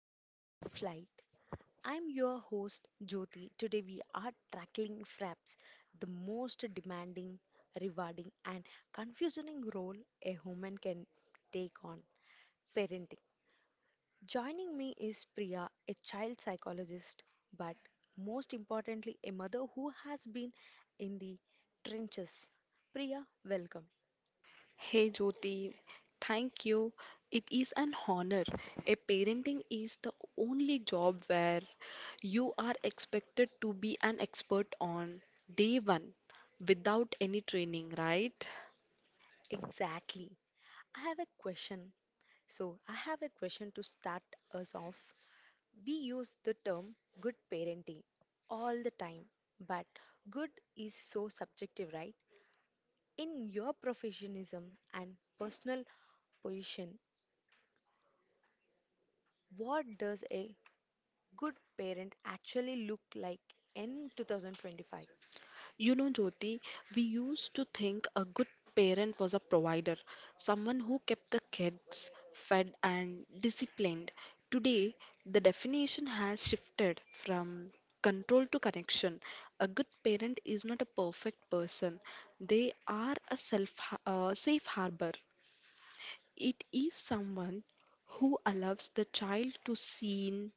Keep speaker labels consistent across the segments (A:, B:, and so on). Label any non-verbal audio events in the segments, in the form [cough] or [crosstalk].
A: and the Flight. I'm your host Jyoti. Today we are tackling fraps, the most demanding, rewarding, and confusing role a human can take on parenting. Joining me is Priya, a child psychologist, but most importantly, a mother who has been in the trenches. Priya, welcome.
B: Hey Jyoti, thank you. It is an honor. A parenting is the only job where you are expected to be an expert on day one without any training, right?
A: Exactly. I have a question. So, I have a question to start us off. We use the term good parenting all the time, but good is so subjective, right? In your professionalism and personal position, what does a good parent actually look like in 2025?
B: You know, Jyoti, we used to think a good parent was a provider, someone who kept the kids fed and disciplined. Today, the definition has shifted from control to connection. A good parent is not a perfect person, they are a safe harbor. It is someone who allows the child to seen,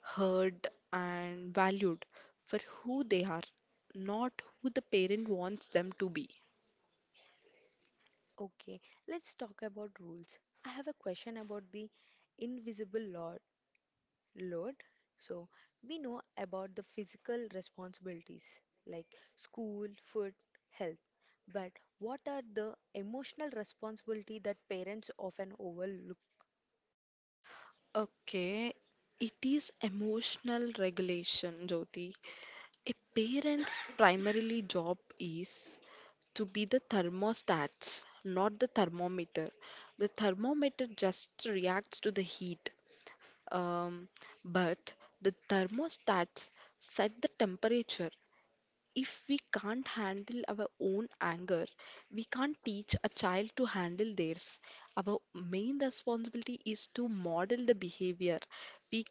B: heard, and valued for who they are, not who the parent wants them to be.
A: Okay, let's talk about rules. I have a question about the invisible law load. So we know about the physical responsibilities like school, food, health. But what are the emotional responsibility that parents often overlook?
B: Okay, it is emotional regulation, Jyoti. A parent's primarily job is to be the thermostats, not the thermometer. The thermometer just reacts to the heat. Um, but the thermostats set the temperature. If we can't handle our own anger, we can't teach a child to handle theirs. Our main responsibility is to model the behavior we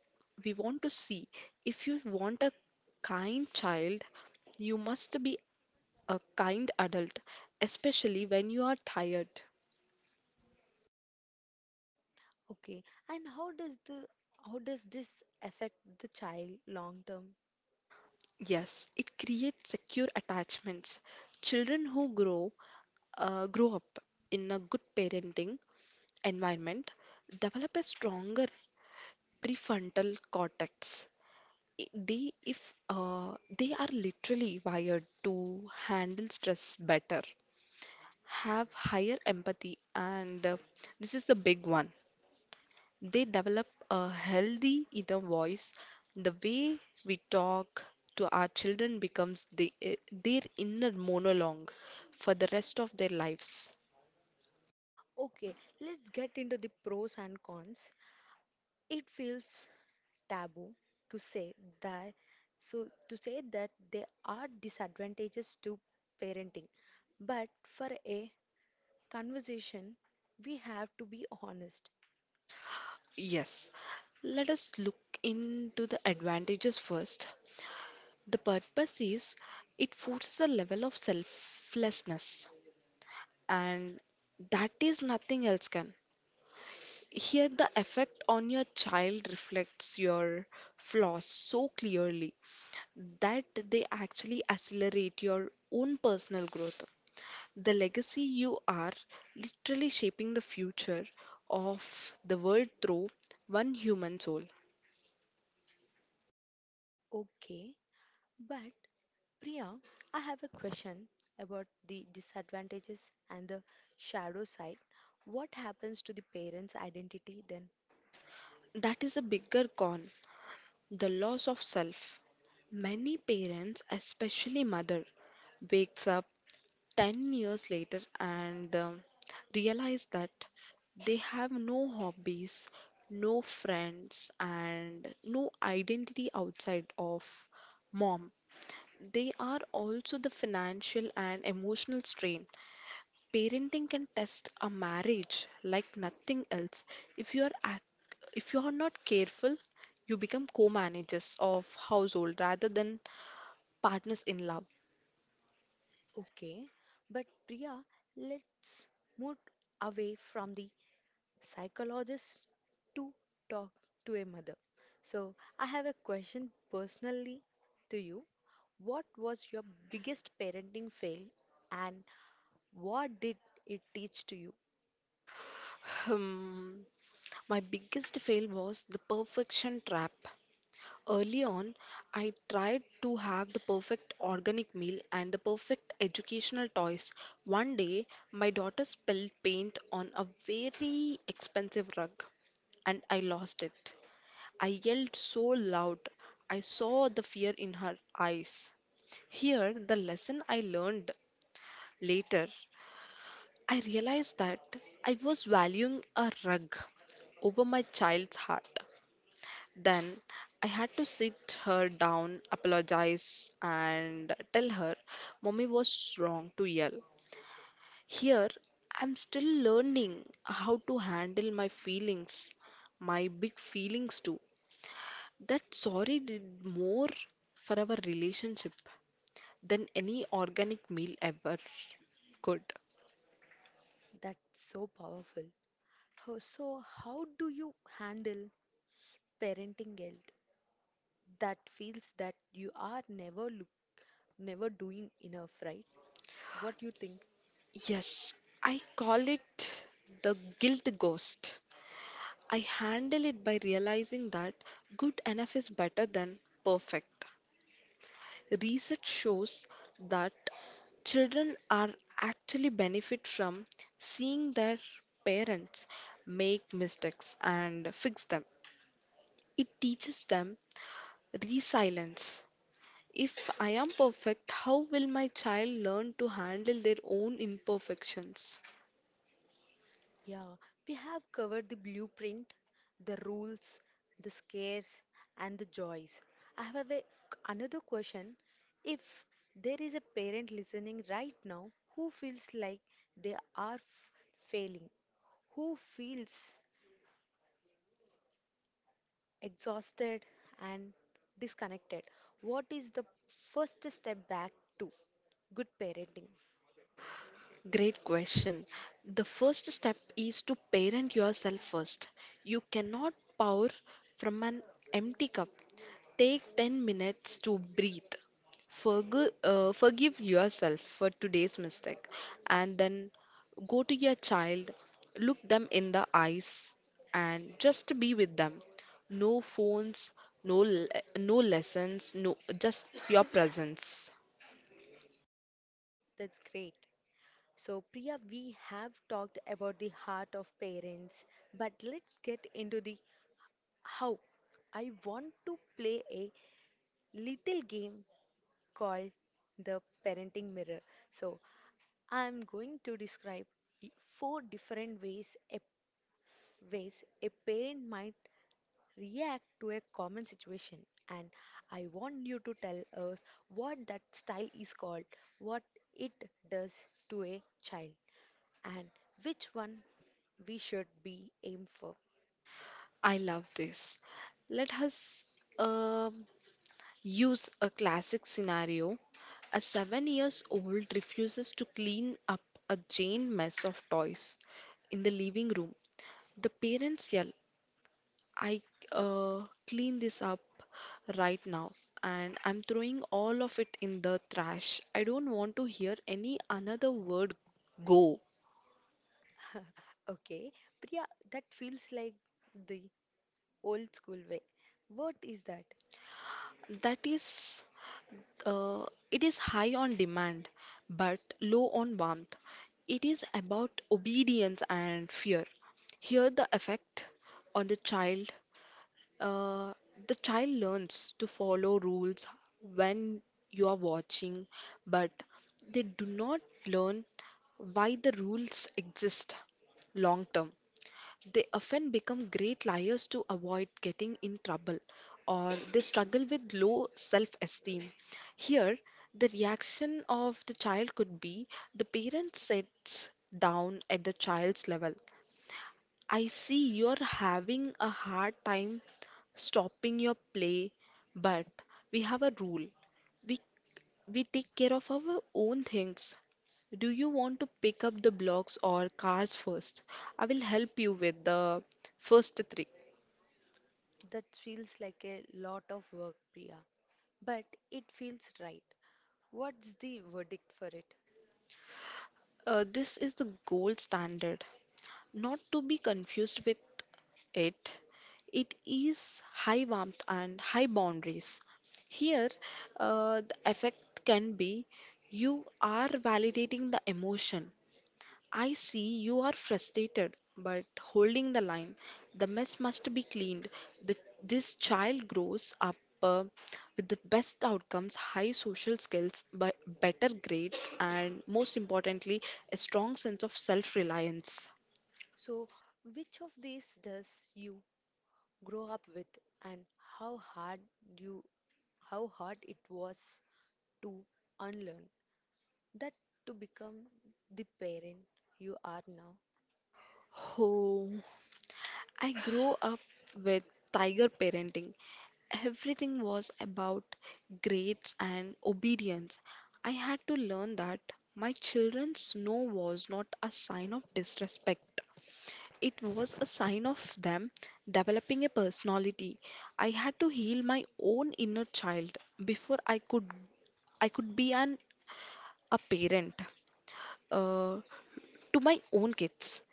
B: we want to see. If you want a kind child, you must be a kind adult, especially when you are tired.
A: Okay, and how does this affect the child long term?
B: Yes, it creates secure attachments. Children who grow up in a good parenting environment develop a stronger prefrontal cortex. They, if they are literally wired to handle stress better, have higher empathy, and this is the big one. They develop a healthy inner voice. The way we talk to our children becomes their inner monologue for the rest of their lives.
A: Okay, let's get into the pros and cons. It feels taboo to say that to say that there are disadvantages to parenting, but for a conversation, we have to be honest.
B: Yes, let us look into the advantages first. The purpose is it forces a level of selflessness, and that is nothing else can. Here, the effect on your child reflects your flaws so clearly that they actually accelerate your own personal growth. The legacy you are literally shaping the future of the world through one human soul.
A: Okay, but Priya, I have a question about the disadvantages and the shadow side. What happens to the parents' identity then?
B: That is a bigger con. The loss of self. Many parents, especially mother, wakes up 10 years later and realize that they have no hobbies, no friends and no identity outside of mom. They are also the financial and emotional strain. Parenting can test a marriage like nothing else. If you are ac- if you are not careful, you become co-managers of household rather than partners in love.
A: Okay, but Priya, let's move away from the psychologist to talk to a mother. So, I have a question personally to you. What was your biggest parenting fail, and what did it teach to you?
B: Hmm, my biggest fail was the perfection trap. Early on, I tried to have the perfect organic meal and the perfect educational toys. One day, my daughter spilled paint on a very expensive rug and I lost it. I yelled so loud, I saw the fear in her eyes. Here, the lesson I learned later, I realized that I was valuing a rug over my child's heart. Then I had to sit her down, apologize, and tell her mommy was wrong to yell. Here, I'm still learning how to handle my feelings, my big feelings too. That sorry did more for our relationship than any organic meal ever could.
A: That's so powerful. So, how do you handle parenting guilt that feels that you are never doing enough, right? What do you think?
B: Yes, I call it the guilt ghost. I handle it by realizing that good enough is better than perfect. Research shows that children are actually benefit from seeing their parents make mistakes and fix them. It teaches them resilience. If I am perfect, how will my child learn to handle their own imperfections?
A: Yeah, we have covered the blueprint, the rules, the scares, and the joys. I have another question. If there is a parent listening right now who feels like they are failing, who feels exhausted and disconnected, what is the first step back to good parenting?
B: Great question. The first step is to parent yourself first. You cannot pour from an empty cup. Take 10 minutes to breathe. Forgive yourself for today's mistake. And then go to your child, look them in the eyes, and just be with them. No phones, no, le- no lessons, no, just your presence.
A: That's great. So, Priya, we have talked about the heart of parents, but let's get into the how. I want to play a little game called the parenting mirror. So, I'm going to describe four different ways a parent might react to a common situation. And I want you to tell us what that style is called, what it does to a child, and which one we should be aimed for.
B: I love this. Let us um use a classic scenario. A seven years old refuses to clean up a giant mess of toys in the living room. The parents yell, I clean this up right now, and I'm throwing all of it in the trash. I don't want to hear any another word, go.
A: [laughs] Okay, Priya, that feels like the old school way. What is that?
B: That is Uh, it is high on demand, but low on warmth. It is about obedience and fear. Here, the effect on the child, uh, the child learns to follow rules when you are watching, but they do not learn why the rules exist long term. They often become great liars to avoid getting in trouble, or they struggle with low self esteem. Here, the reaction of the child could be the parent sits down at the child's level. I see you're having a hard time stopping your play, but we have a rule. We we take care of our own things. Do you want to pick up the blocks or cars first? I will help you with the first three.
A: That feels like a lot of work, Priya, but it feels right. What's the verdict for it?
B: This is the gold standard, not to be confused with it. It is high warmth and high boundaries. Here, the effect can be you are validating the emotion. I see you are frustrated but holding the line. The mess must be cleaned. The, this child grows up uh, with the best outcomes, high social skills, but better grades, and most importantly, a strong sense of self reliance.
A: So, which of these does you grow up with, and how hard you how hard it was to unlearn that to become the parent you are now?
B: Oh, I grew up with tiger parenting. Everything was about grades and obedience. I had to learn that my children's no was not a sign of disrespect. It was a sign of them developing a personality. I had to heal my own inner child before I could be an a parent uh, to my own kids.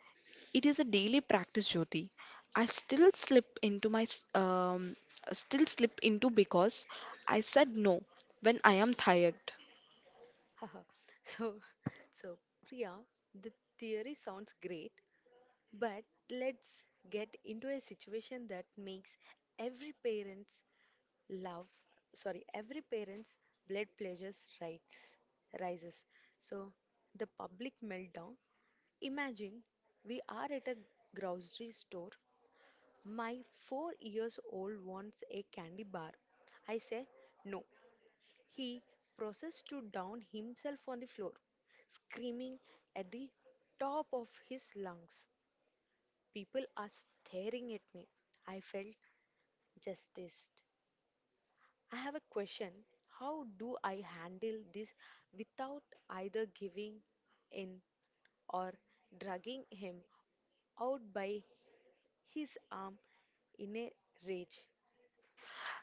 B: It is a daily practice, Jyoti. I still slip into because I said no when I am tired.
A: [laughs] Haha. so so Priya, the theory sounds great, but let's get into a situation that makes every parent's love every parent's blood pleasures rights rises. So the public meltdown. Imagine we are at a grocery store. My 4 years old wants a candy bar. I say no. He proceeds to down himself on the floor, screaming at the top of his lungs. People are staring at me. I felt justice. I have a question. How do I handle this without either giving in or dragging him out by his arm in a rage?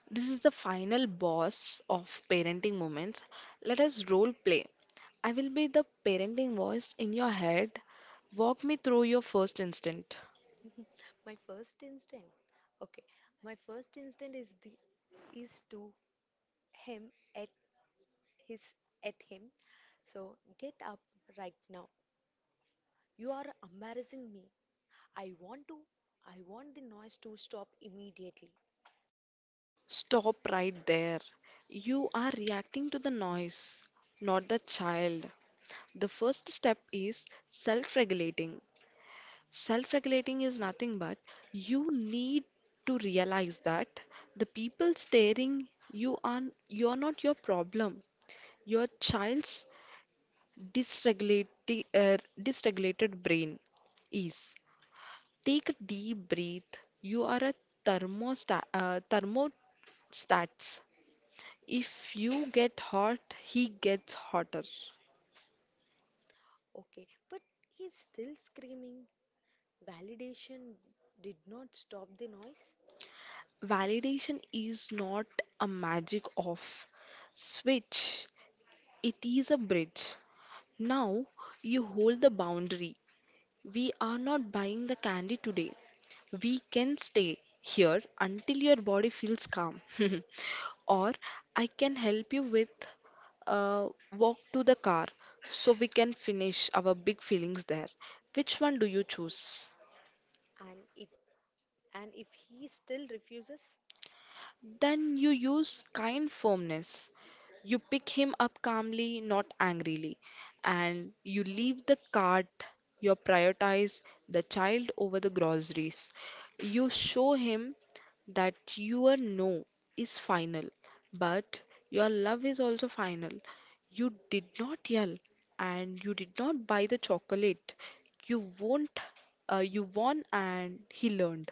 B: This is the final boss of parenting moments. Let us role play. I will be the parenting voice in your head. Walk me through your first instinct.
A: [laughs] my first instinct, okay, my first instinct is to him at his at him. So get up right now. You are embarrassing me. I want to. I want the noise to stop immediately.
B: Stop right there. You are reacting to the noise, not the child. The first step is self regulating. Self regulating is nothing but you need to realize that the people staring you are you're not your problem, your child's dysregulated brain is. Take a deep breath. You are a thermostats. If you get hot, he gets hotter.
A: Okay, but he's still screaming. Validation did not stop the noise,
B: Validation is not a magic off switch, it is a bridge. Now you hold the boundary. We are not buying the candy today. We can stay here until your body feels calm. [laughs] Or I can help you with uh, walk to the car so we can finish our big feelings there. Which one do you choose?
A: and it and if he still refuses,
B: Then you use kind firmness. You pick him up calmly, not angrily, and you leave the cart. You prioritize the child over the groceries. You show him that your no is final, but your love is also final. You did not yell and you did not buy the chocolate. You won't, you won and he learned.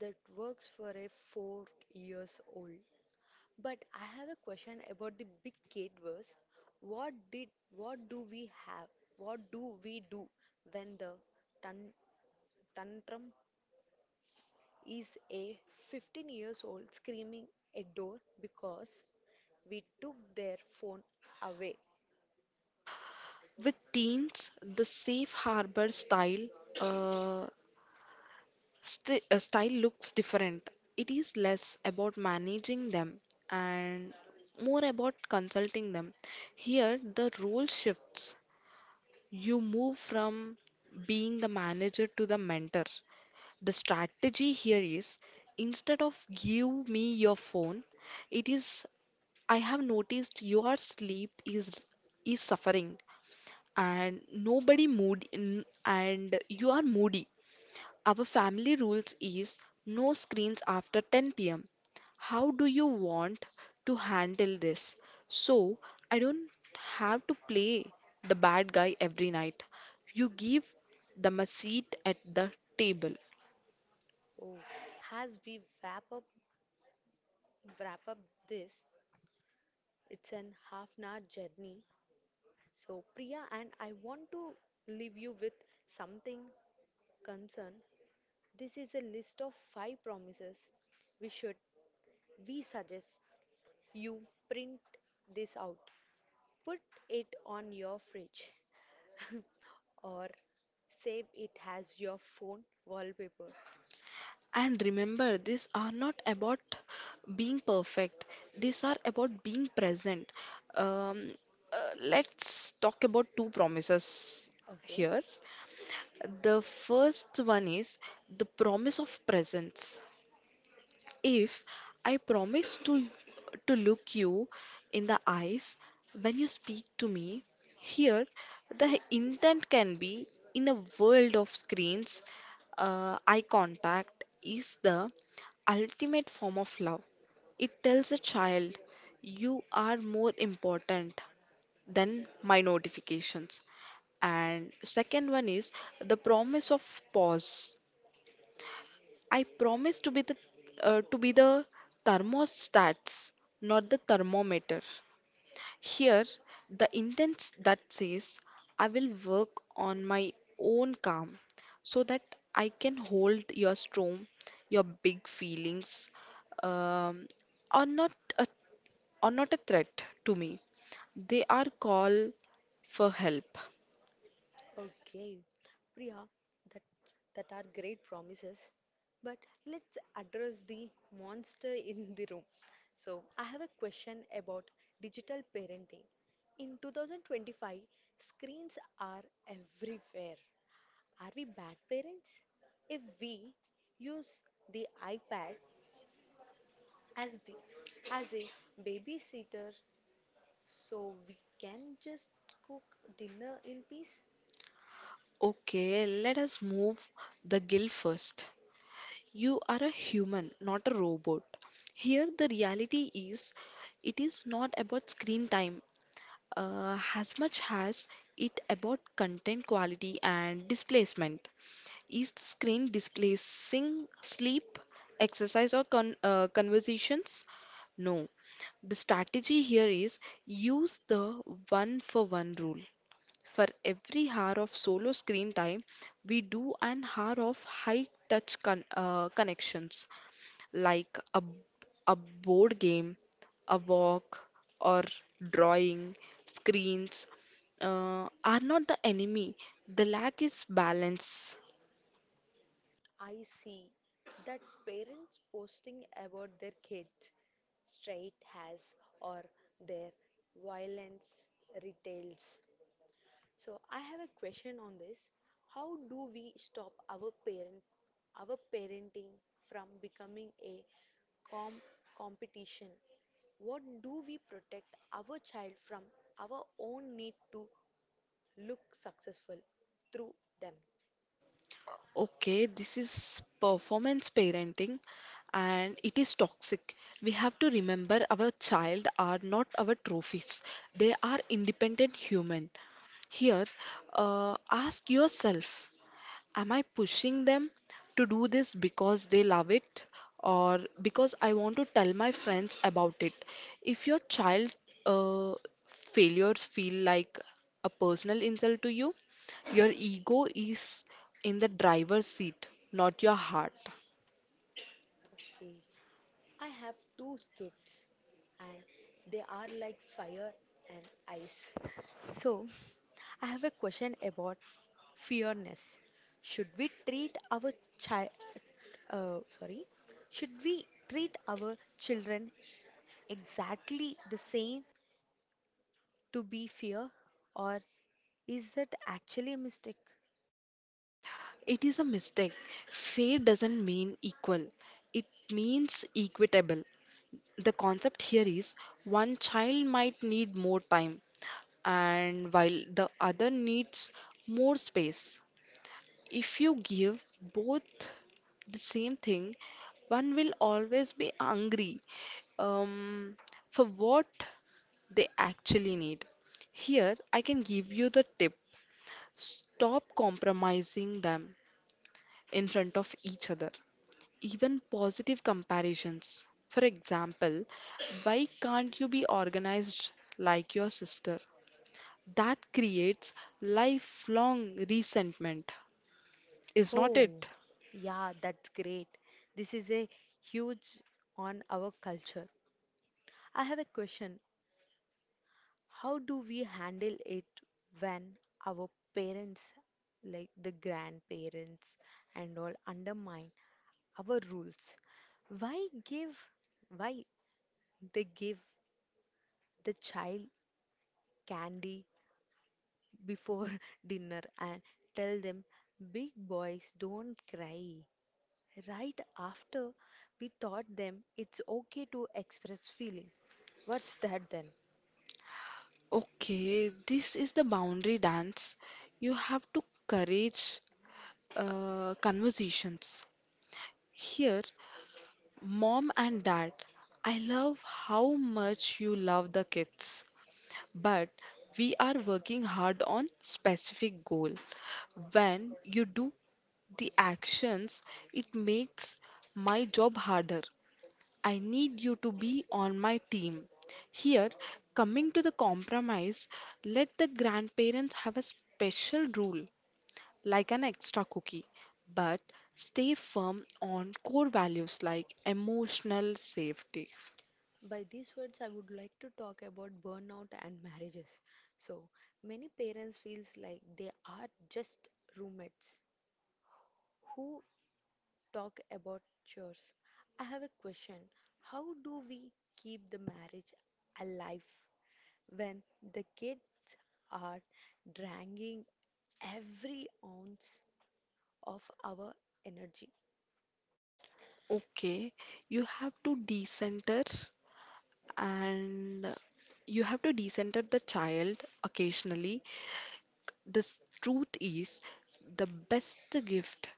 A: that works for a 4 years old. But I have a question about the big gate verse. What did what do we have? What do we do when the tan- tantrum is a 15 years old screaming at door because we took their phone away?
B: With teens, the safe harbor uh, style looks different. It is less about managing them and more about consulting them. Here, the role shifts. You move from being the manager to the mentor. The strategy here is instead of give me your phone, it is I have noticed your sleep is suffering and nobody mood in, and you are moody. Our family rules is no screens after 10 pm. How do you want to handle this? So I don't have to play the bad guy every night. You give them a seat at the table.
A: Oh, as we wrap up this, it's an half an hour journey. So Priya and I want to leave you with something concern. This is a list of five promises. We should, we suggest you print this out. Put it on your fridge [laughs] or save it as your phone wallpaper.
B: And remember, these are not about being perfect, these are about being present. Um, let's talk about two promises
A: Okay.
B: here. The first one is the promise of presence. If I promise to look you in the eyes when you speak to me, here the intent can be in a world of screens, eye contact is the ultimate form of love. It tells a child you are more important than my notifications. And second one is the promise of pause. I promise to be the thermostats, not the thermometer. Here, the intent that says I will work on my own calm so that I can hold your storm, your big feelings, um, are not a, are not a threat to me. They are call for help.
A: Okay, Priya, that that are great promises, but let's address the monster in the room. So, I have a question about digital parenting. In 2025, screens are everywhere. Are we bad parents if we use the iPad as the as a babysitter so we can just cook dinner in peace?
B: Okay, let us move the gill first. You are a human, not a robot. Here, the reality is it is not about screen time as much as it about content quality and displacement. Is the screen displacing sleep, exercise, or conversations? No. The strategy here is use the one for one rule. For every hour of solo screen time, we do an hour of high touch connections like a board game, a walk, or drawing. Screens are not the enemy, the lack is balance.
A: I see that parents posting about their kids, straight has or their violence retails. So I have a question on this. How do we stop our parenting from becoming a com- competition? What do we protect our child from our own need to look successful through them?
B: Okay, this is performance parenting and it is toxic. We have to remember our child are not our trophies. They are independent human. Here, ask yourself, am I pushing them to do this because they love it or because I want to tell my friends about it? If your child uh, failures feel like a personal insult to you, your ego is in the driver's seat, not your heart.
A: Okay. I have two kids and they are like fire and ice. So, I have a question about fairness. Should we treat our child sorry, should we treat our children exactly the same to be fair, or is that actually a mistake?
B: It is a mistake. Fair doesn't mean equal, it means equitable. The concept here is one child might need more time, and while the other needs more space. If you give both the same thing, one will always be angry um, for what they actually need. Here, I can give you the tip stop compromising them in front of each other. Even positive comparisons. For example, why can't you be organized like your sister? That creates lifelong resentment, is not
A: Oh,
B: it?
A: yeah, that's great. This is a huge on our culture. I have a question. How do we handle it when our parents, like the grandparents and all, undermine our rules? Why give, why they give the child candy before [laughs] dinner and tell them big boys don't cry? Right after we taught them it's okay to express feeling. What's that then?
B: Okay, this is the boundary dance. You have to courage conversations. Here, mom and dad, I love how much you love the kids, but we are working hard on specific goal. When you do the actions, it makes my job harder. I need you to be on my team. Here, coming to the compromise, let the grandparents have a special rule, like an extra cookie, but stay firm on core values like emotional safety.
A: By these words, I would like to talk about burnout and marriages. So, many parents feels like they are just roommates who talk about chores. I have a question. How do we keep the marriage alive when the kids are dragging every ounce of our energy?
B: Okay, you have to decenter and you have to decenter the child occasionally. The truth is, the best gift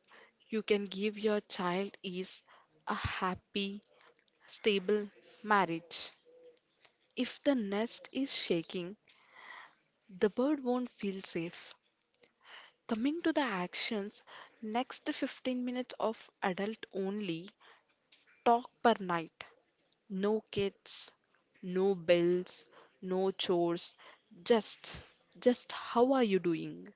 B: you can give your child is a happy, stable marriage. If the nest is shaking, the bird won't feel safe. Coming to the actions, next 15 minutes of adult only talk per night. No kids, no bills, no chores. Just, just how are you doing?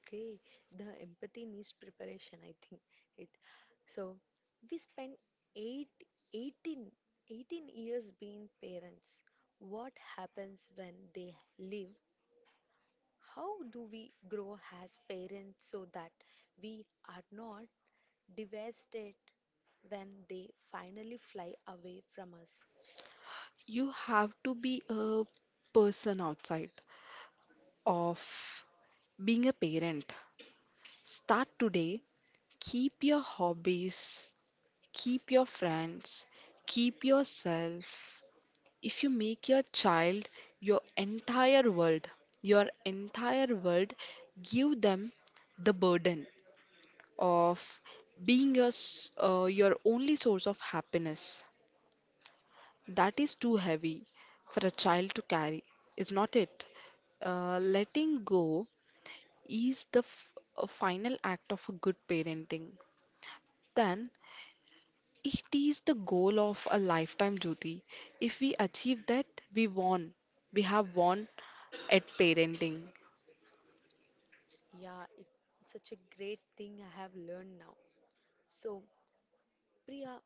A: Okay, the empathy needs preparation, I think. It so we spend eight, eighteen, 18 years being parents. What happens when they leave? How do we grow as parents so that we are not devastated when they finally fly away from us?
B: You have to be a person outside of being a parent. Start today. Keep your hobbies, keep your friends, keep yourself. If you make your child your entire world, your entire world, give them the burden of being your only source of happiness. That is too heavy for a child to carry, is not it? Letting go is the final act of a good parenting. Then it is the goal of a lifetime duty. If we achieve that, we won. We have won at parenting.
A: Yeah, it's such a great thing I have learned now. So, Priya,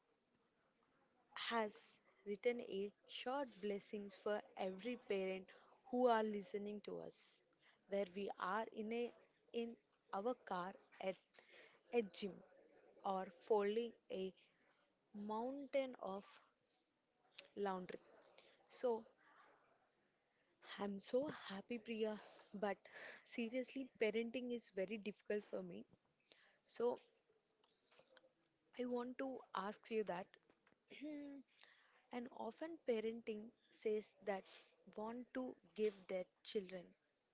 A: has written a short blessings for every parent who are listening to us, where we are in our car at a gym or folding a mountain of laundry. So I'm so happy, Priya. But seriously, parenting is very difficult for me. So I want to ask you that [clears throat] and often parenting says that want to give their children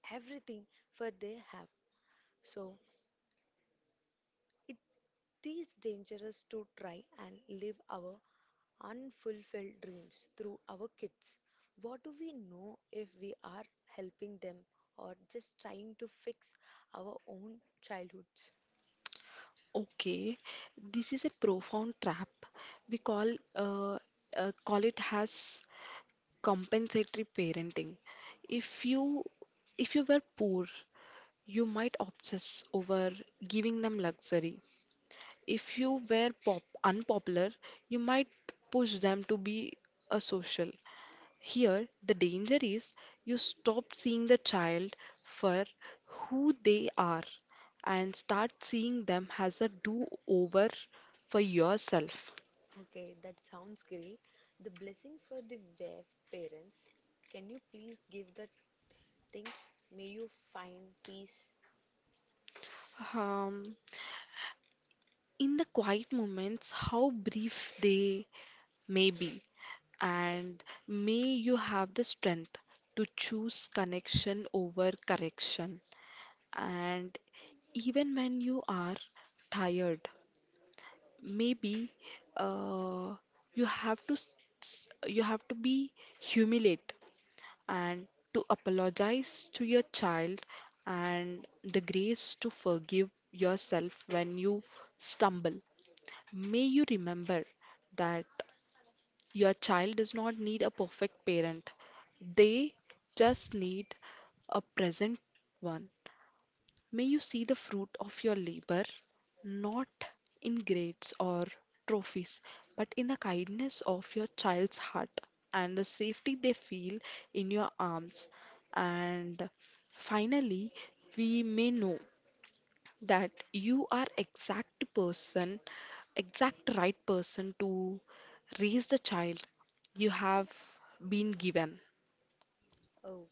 A: everything for they have. So it is dangerous to try and live our unfulfilled dreams through our kids. What do we know if we are helping them or just trying to fix our own childhoods?
B: Okay, this is a profound trap. We call uh, call it as compensatory parenting. If you if you were poor, you might obsess over giving them luxury. If you were pop unpopular, you might push them to be a social. Here, the danger is you stop seeing the child for who they are and start seeing them as a do-over for yourself.
A: Okay, that sounds great. The blessing for the WEF parents. Can you please give the things? May you find peace.
B: Um, in the quiet moments, how brief they may be, and may you have the strength to choose connection over correction. And even when you are tired, maybe uh, you have to s- you have to be humiliate and to apologize to your child and the grace to forgive yourself when you stumble. May you remember that your child does not need a perfect parent, they just need a present one. May you see the fruit of your labor, not in grades or trophies, but in the kindness of your child's heart and the safety they feel in your arms. And finally, we may know that you are exact right person to raise the child you have been given.
A: Oh,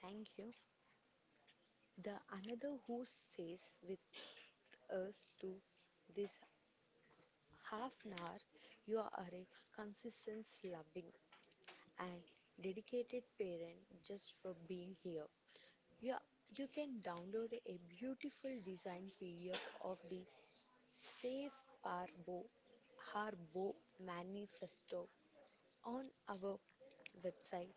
A: thank you. The another who says with us to this half an hour, you are a consistent, loving, and dedicated parent just for being here. You, are- you can download a beautiful design PDF of the Safe Parbo Harbo Manifesto on our website,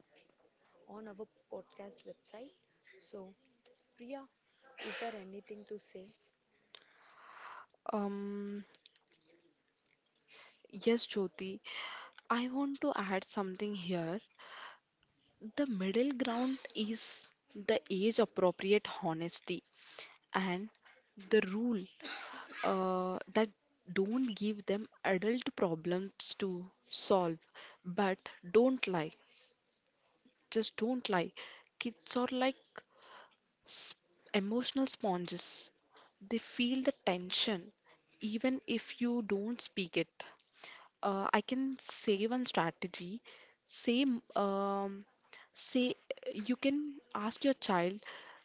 A: on our podcast website. So Priya, is there anything to say?
B: um yes, Jyoti, I want to add something here. The middle ground is the age appropriate honesty and the rule that don't give them adult problems to solve, but don't lie. Just don't lie. Kids are like S- emotional sponges. They feel the tension even if you don't speak it. I can say one strategy. Say, um, say you can ask your child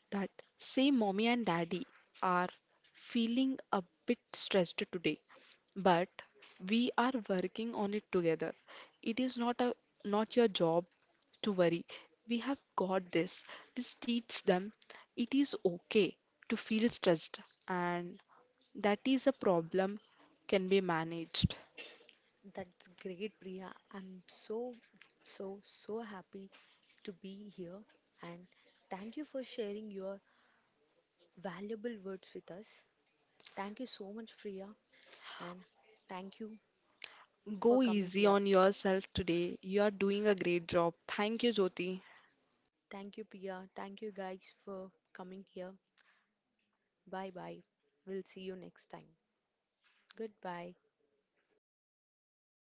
B: that, say mommy and daddy are feeling a bit stressed today, but we are working on it together. It is not your job to worry. We have got this. This teaches them it is okay to feel stressed and that is a problem can be managed.
A: That's great, Priya. I'm so, so, so happy to be here. And thank you for sharing your valuable words with us. Thank you so much, Priya. And thank you for
B: Go
A: coming
B: easy
A: here.
B: on yourself today. You are doing a great job. Thank you, Jyoti.
A: Thank you, Priya. Thank you, guys, for coming here. Bye bye. We'll see you next time. Goodbye.